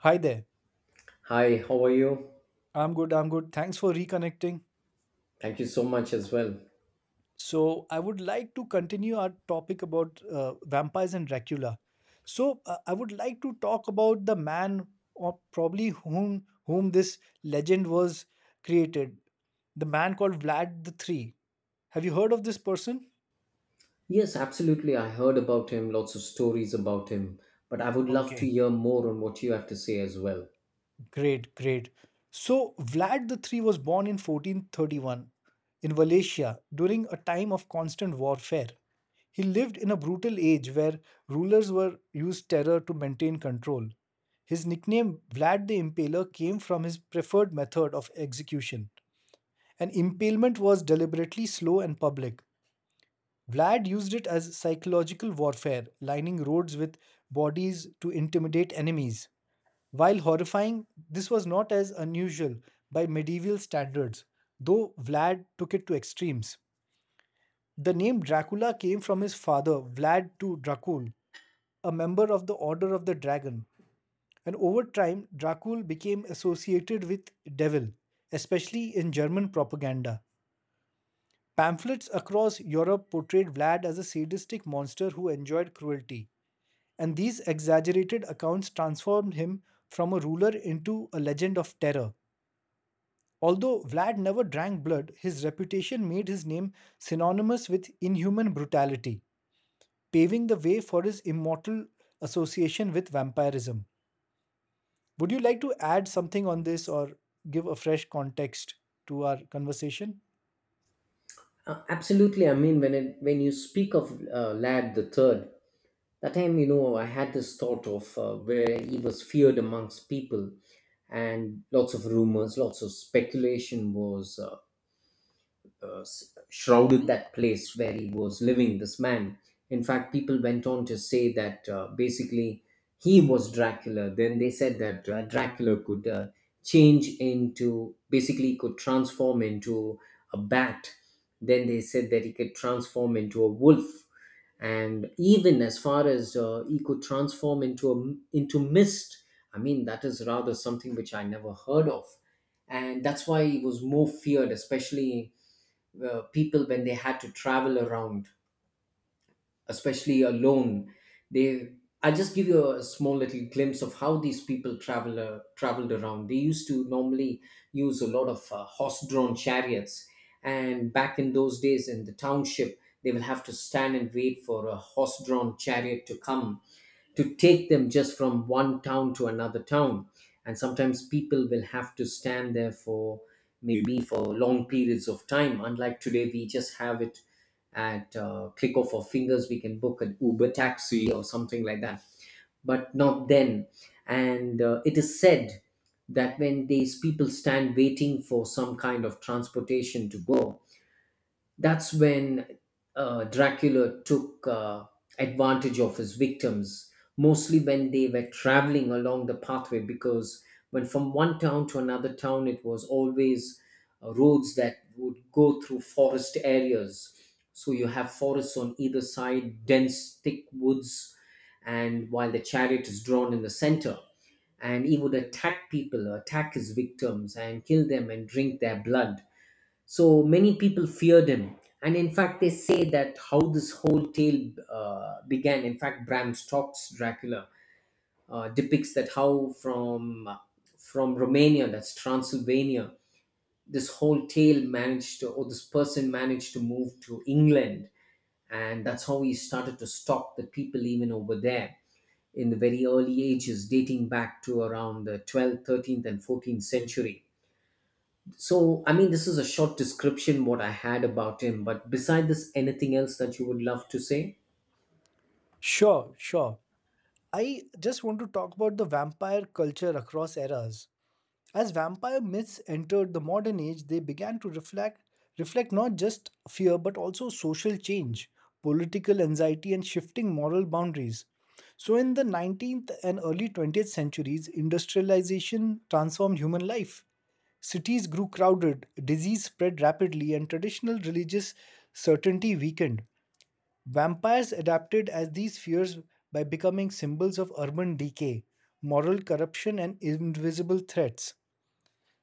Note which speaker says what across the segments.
Speaker 1: Hi there.
Speaker 2: Hi, how are you?
Speaker 1: I'm good. I'm good. Thanks for reconnecting.
Speaker 2: Thank you so much as well.
Speaker 1: So, I would like to continue our topic about vampires and Dracula. So, I would like to talk about the man or probably whom this legend was created. The man called Vlad the Three. Have you heard of this person?
Speaker 2: Yes, absolutely. I heard about him, lots of stories about him, but I would love to
Speaker 1: Okay.
Speaker 2: hear more on what you have to say as well.
Speaker 1: Great. So Vlad the Three was born in 1431 in Wallachia during a time of constant warfare. He lived in a brutal age where rulers were used terror to maintain control. His nickname Vlad the Impaler came from his preferred method of execution. An impalement was deliberately slow and public. Vlad used it as psychological warfare, lining roads with bodies to intimidate enemies. While horrifying, this was not as unusual by medieval standards, though Vlad took it to extremes. The name Dracula came from his father, Vlad II Dracul, a member of the Order of the Dragon, and over time, Dracul became associated with devil, especially in German propaganda. Pamphlets across Europe portrayed Vlad as a sadistic monster who enjoyed cruelty, and these exaggerated accounts transformed him from a ruler into a legend of terror. Although Vlad never drank blood, his reputation made his name synonymous with inhuman brutality, paving the way for his immortal association with vampirism. Would you like to add something on this or give a fresh context to our conversation?
Speaker 2: Absolutely. I mean, when you speak of Lad the Third, that time you know I had this thought of where he was feared amongst people, and lots of rumors, lots of speculation was. Shrouded that place where he was living, this man. In fact, people went on to say that basically he was Dracula. Then they said that Dracula could change into, basically, could transform into a bat. Then they said that he could transform into a wolf. And even as far as he could transform into into mist. I mean, that is rather something which I never heard of, and that's why he was more feared, especially people when they had to travel around, especially alone. They, I just give you a small little glimpse of how these people traveled around. They used to normally use a lot of horse-drawn chariots, and back in those days in the township, they will have to stand and wait for a horse-drawn chariot to come to take them just from one town to another town. And sometimes people will have to stand there for maybe for long periods of time, unlike today. We just have it at click of our fingers. We can book an Uber taxi or something like that, but not then. And it is said that when these people stand waiting for some kind of transportation to go, that's when Dracula took advantage of his victims, mostly when they were traveling along the pathway, because when from one town to another town, it was always roads that would go through forest areas. So you have forests on either side, dense, thick woods, and while the chariot is drawn in the center, and he would attack people, attack his victims, and kill them and drink their blood. So many people feared him. And in fact, they say that how this whole tale began. In fact, Bram Stoker's Dracula depicts that how from Romania, that's Transylvania, this whole tale managed to, or this person managed to move to England, and that's how he started to stalk the people even over there in the very early ages, dating back to around the 12th, 13th, and 14th century. So, I mean, this is a short description what I had about him, but beside this, anything else that you would love to say?
Speaker 1: Sure. I just want to talk about the vampire culture across eras. As vampire myths entered the modern age, they began to reflect not just fear but also social change, political anxiety and shifting moral boundaries. So in the 19th and early 20th centuries, industrialization transformed human life. Cities grew crowded, disease spread rapidly, and traditional religious certainty weakened. Vampires adapted as these fears by becoming symbols of urban decay, moral corruption, and invisible threats.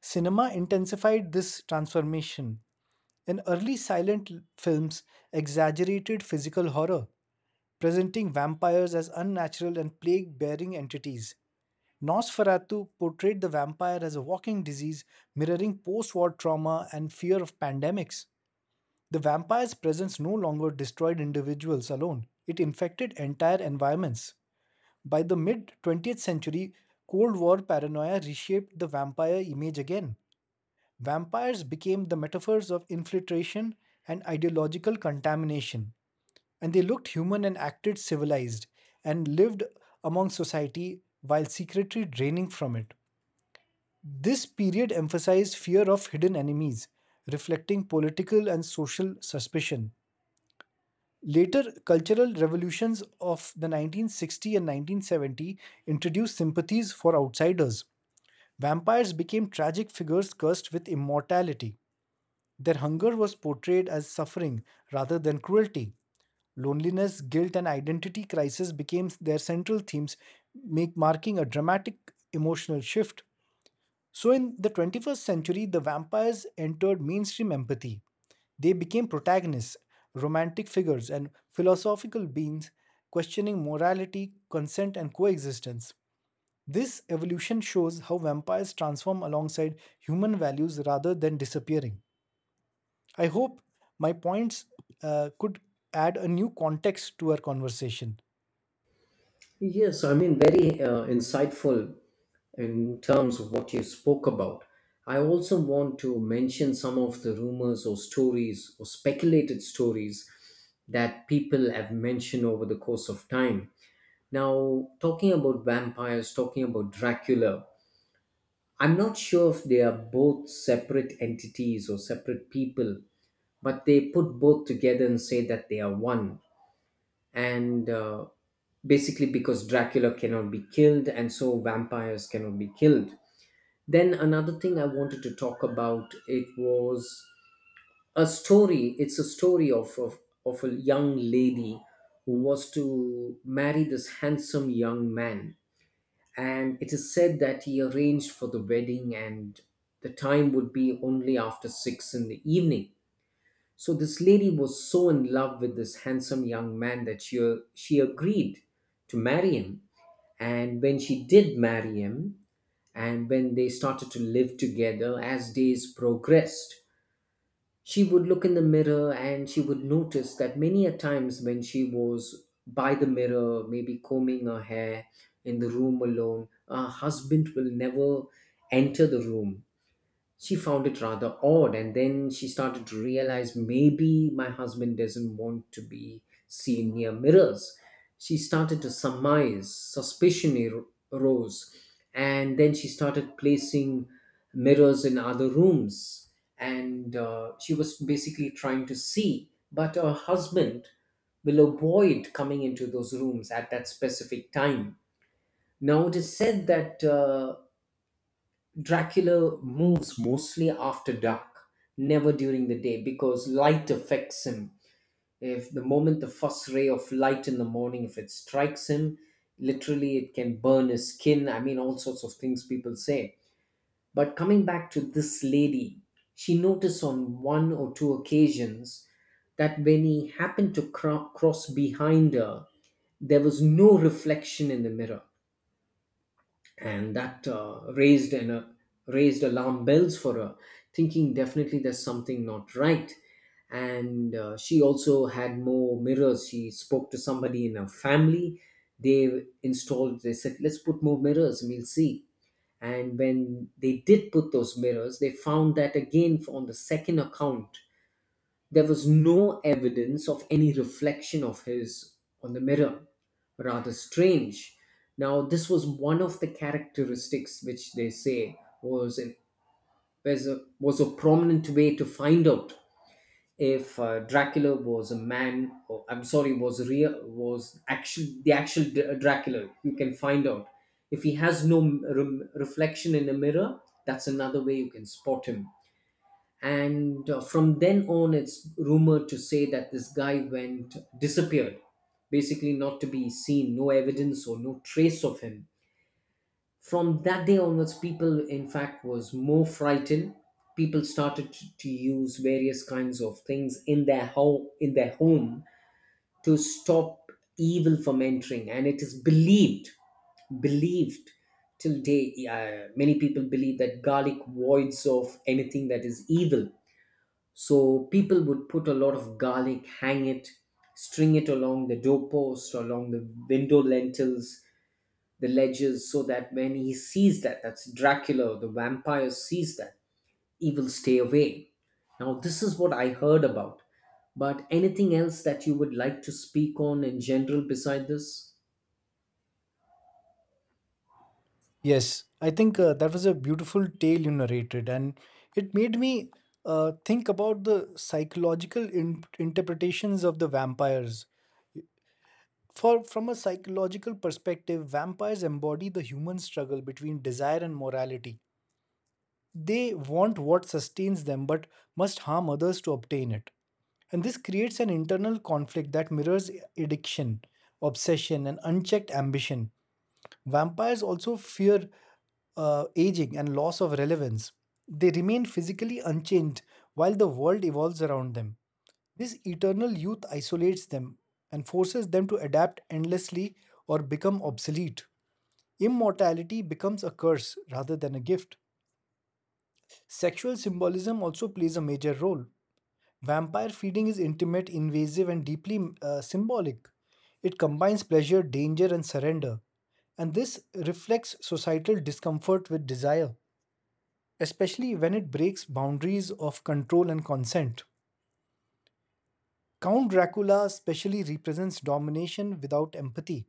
Speaker 1: Cinema intensified this transformation. In early films exaggerated physical horror, presenting vampires as unnatural and plague bearing entities. Nosferatu portrayed the vampire as a walking disease, mirroring post war trauma and fear of pandemics. The vampire's presence no longer destroyed individuals alone, it infected entire environments. By the mid 20th century, Cold War paranoia reshaped the vampire image again. Vampires became the metaphors of infiltration and ideological contamination, and they looked human and acted civilized and lived among society while secretly draining from it. This period emphasized fear of hidden enemies, reflecting political and social suspicion. Later cultural revolutions of the 1960 and 1970 introduced sympathies for outsiders. Vampires became tragic figures cursed with immortality. Their hunger was portrayed as suffering rather than cruelty. Loneliness, guilt, and identity crisis became their central themes, marking a dramatic emotional shift. So, in the 21st century, the vampires entered mainstream empathy. They became protagonists, romantic figures, and philosophical beings questioning morality, consent, and coexistence. This evolution shows how vampires transform alongside human values rather than disappearing. I hope my points could add a new context to our conversation.
Speaker 2: Yes, I mean, very insightful in terms of what you spoke about. I also want to mention some of the rumors or stories or speculated stories that people have mentioned over the course of time. Now, talking about vampires, talking about Dracula, I'm not sure if they are both separate entities or separate people, but they put both together and say that they are one. And basically because Dracula cannot be killed, and so vampires cannot be killed. Then another thing I wanted to talk about it was a story. It's a story of a young lady who was to marry this handsome young man, and it is said that he arranged for the wedding, and the time would be only after six in the evening. So this lady was so in love with this handsome young man that she agreed to marry him. And when she did marry him, and when they started to live together, as days progressed, she would look in the mirror and she would notice that many a times when she was by the mirror, maybe combing her hair in the room alone, her husband will never enter the room. She found it rather odd, and then she started to realize maybe my husband doesn't want to be seen near mirrors. She started to surmise. Arose, and then she started placing mirrors in other rooms. And she was basically trying to see, but her husband will avoid coming into those rooms at that specific time. Now, it is said that Dracula moves mostly after dark, never during the day, because light affects him. If the moment the first ray of light in the morning, if it strikes him, literally it can burn his skin. I mean, all sorts of things people say. But coming back to this lady, she noticed on one or two occasions that when he happened to cross behind her, there was no reflection in the mirror, and that raised alarm bells for her, thinking definitely there's something not right. And she also had more mirrors. She spoke to somebody in her family. They installed. They said, "Let's put more mirrors, and we'll see." And when they did put those mirrors, they found that again on the second account there was no evidence of any reflection of his on the mirror. Rather strange. Now, this was one of the characteristics which they say was a prominent way to find out if Dracula was a man, or I'm sorry, was real, was actual the actual Dracula. You can find out if he has no reflection in a mirror. That's another way you can spot him. And from then on, it's rumored to say that this guy went disappeared, basically not to be seen, no evidence or no trace of him. From that day onwards, people in fact was more frightened. People started to use various kinds of things in their home to stop evil from entering. And it is believed till day. Many people believe that garlic voids of anything that is evil. So people would put a lot of garlic, hang it, string it along the doorpost, along the window lentils, the ledges, so that when he sees that, that's Dracula, the vampire sees that, he will stay away. Now, this is what I heard about. But anything else that you would like to speak on in general beside this?
Speaker 1: Yes, I think that was a beautiful tale you narrated, and it made me think about the psychological interpretations of the vampires. For from a psychological perspective, vampires embody the human struggle between desire and morality. They want what sustains them, but must harm others to obtain it. And this creates an internal conflict that mirrors addiction, obsession, and unchecked ambition. Vampires also fear aging and loss of relevance. They remain physically unchanged while the world evolves around them. This eternal youth isolates them and forces them to adapt endlessly or become obsolete. Immortality becomes a curse rather than a gift. Sexual symbolism also plays a major role. Vampire feeding is intimate, invasive, and deeply symbolic. It combines pleasure, danger, and surrender. And this reflects societal discomfort with desire, especially when it breaks boundaries of control and consent. Count Dracula especially represents domination without empathy.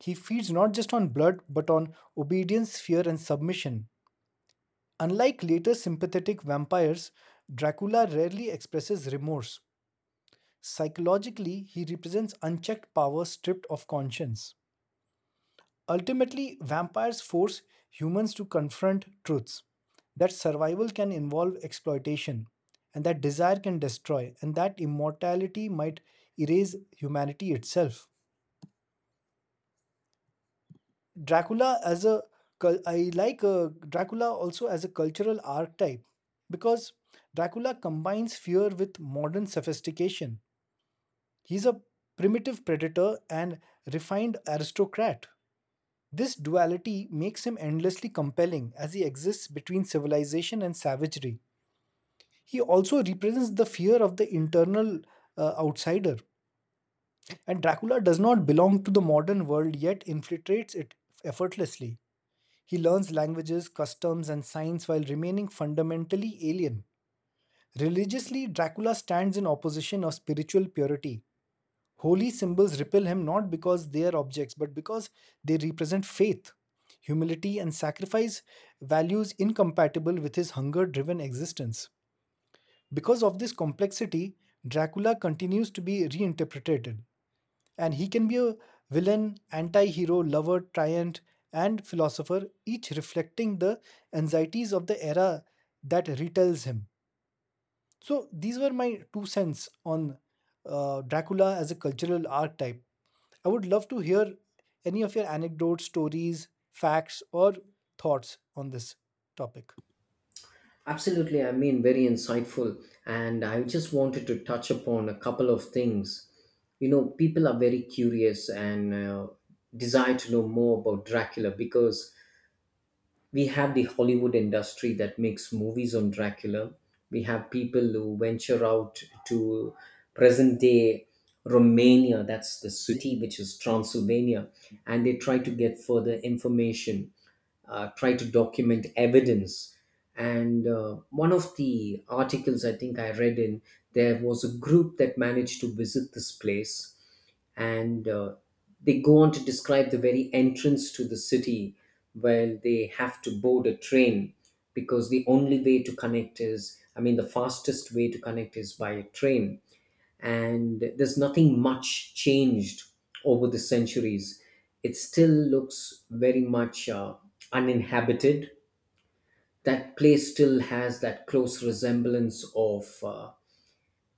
Speaker 1: He feeds not just on blood, but on obedience, fear, and submission. Unlike later sympathetic vampires, Dracula rarely expresses remorse. Psychologically, he represents unchecked power stripped of conscience. Ultimately, vampires force humans to confront truths that survival can involve exploitation, and that desire can destroy, and that immortality might erase humanity itself. Dracula as a cul- I like Dracula also as a cultural archetype because Dracula combines fear with modern sophistication. He's a primitive predator and refined aristocrat. This duality makes him endlessly compelling as he exists between civilization and savagery. He also represents the fear of the internal outsider. And Dracula does not belong to the modern world yet infiltrates it effortlessly. He learns languages, customs, and science while remaining fundamentally alien. Religiously, Dracula stands in opposition of spiritual purity. Holy symbols repel him not because they are objects, but because they represent faith, humility, and sacrifice, values incompatible with his hunger driven existence. Because of this complexity, Dracula continues to be reinterpreted, and he can be a villain, anti hero, lover, tyrant, and philosopher, each reflecting the anxieties of the era that retells him. So, these were my two cents on Dracula as a cultural archetype. I would love to hear any of your anecdotes, stories, facts, or thoughts on this topic.
Speaker 2: Absolutely, I mean, very insightful. And I just wanted to touch upon a couple of things. You know, people are very curious and desire to know more about Dracula because we have the Hollywood industry that makes movies on Dracula. We have people who venture out to present day Romania, that's the city which is Transylvania, and they try to get further information, try to document evidence. And one of the articles I think I read in, there was a group that managed to visit this place. And they go on to describe the very entrance to the city. Well, they have to board a train, because the only way to connect is, I mean, the fastest way to connect is by a train. And there's nothing much changed over the centuries. It still looks very much uninhabited. That place still has that close resemblance of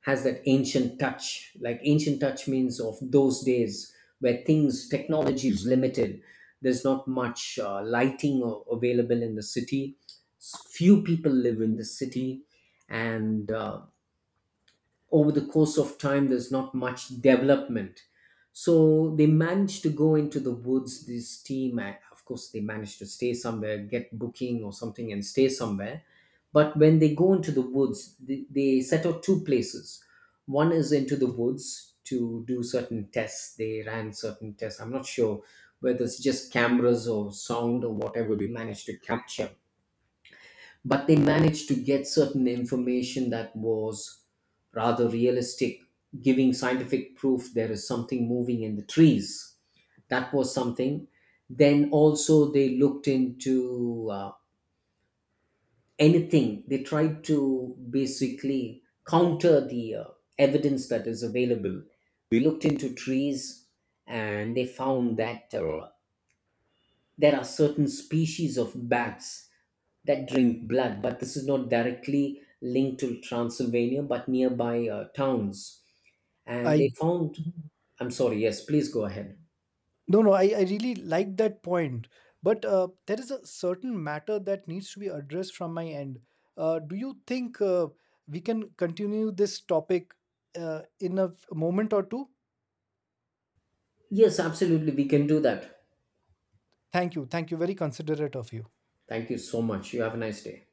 Speaker 2: has that ancient touch. Like ancient touch means of those days where things, technology is limited. There's not much available in the city. Few people live in the city, and over the course of time there's not much development. So they managed to go into the woods, this team. Of course, they managed to stay somewhere, get booking or something and stay somewhere. But when they go into the woods, they set out two places. One is into the woods to do certain tests. They ran certain tests. I'm not sure whether it's just cameras or sound or whatever they managed to capture, but they managed to get certain information that was rather realistic, giving scientific proof there is something moving in the trees. That was something. Then also they looked into anything. They tried to basically counter the evidence that is available. We looked into trees, and they found that there are certain species of bats that drink blood, but this is not directly linked to Transylvania, but nearby towns. And
Speaker 1: I
Speaker 2: they found, I'm sorry, yes, please go ahead.
Speaker 1: no no, I really like that point. But there is a certain matter that needs to be addressed from my end. Do you think we can continue this topic in a moment or two?
Speaker 2: Yes, absolutely, we can do that.
Speaker 1: Thank you. Thank you. Very considerate of you.
Speaker 2: Thank you so much. You have a nice day.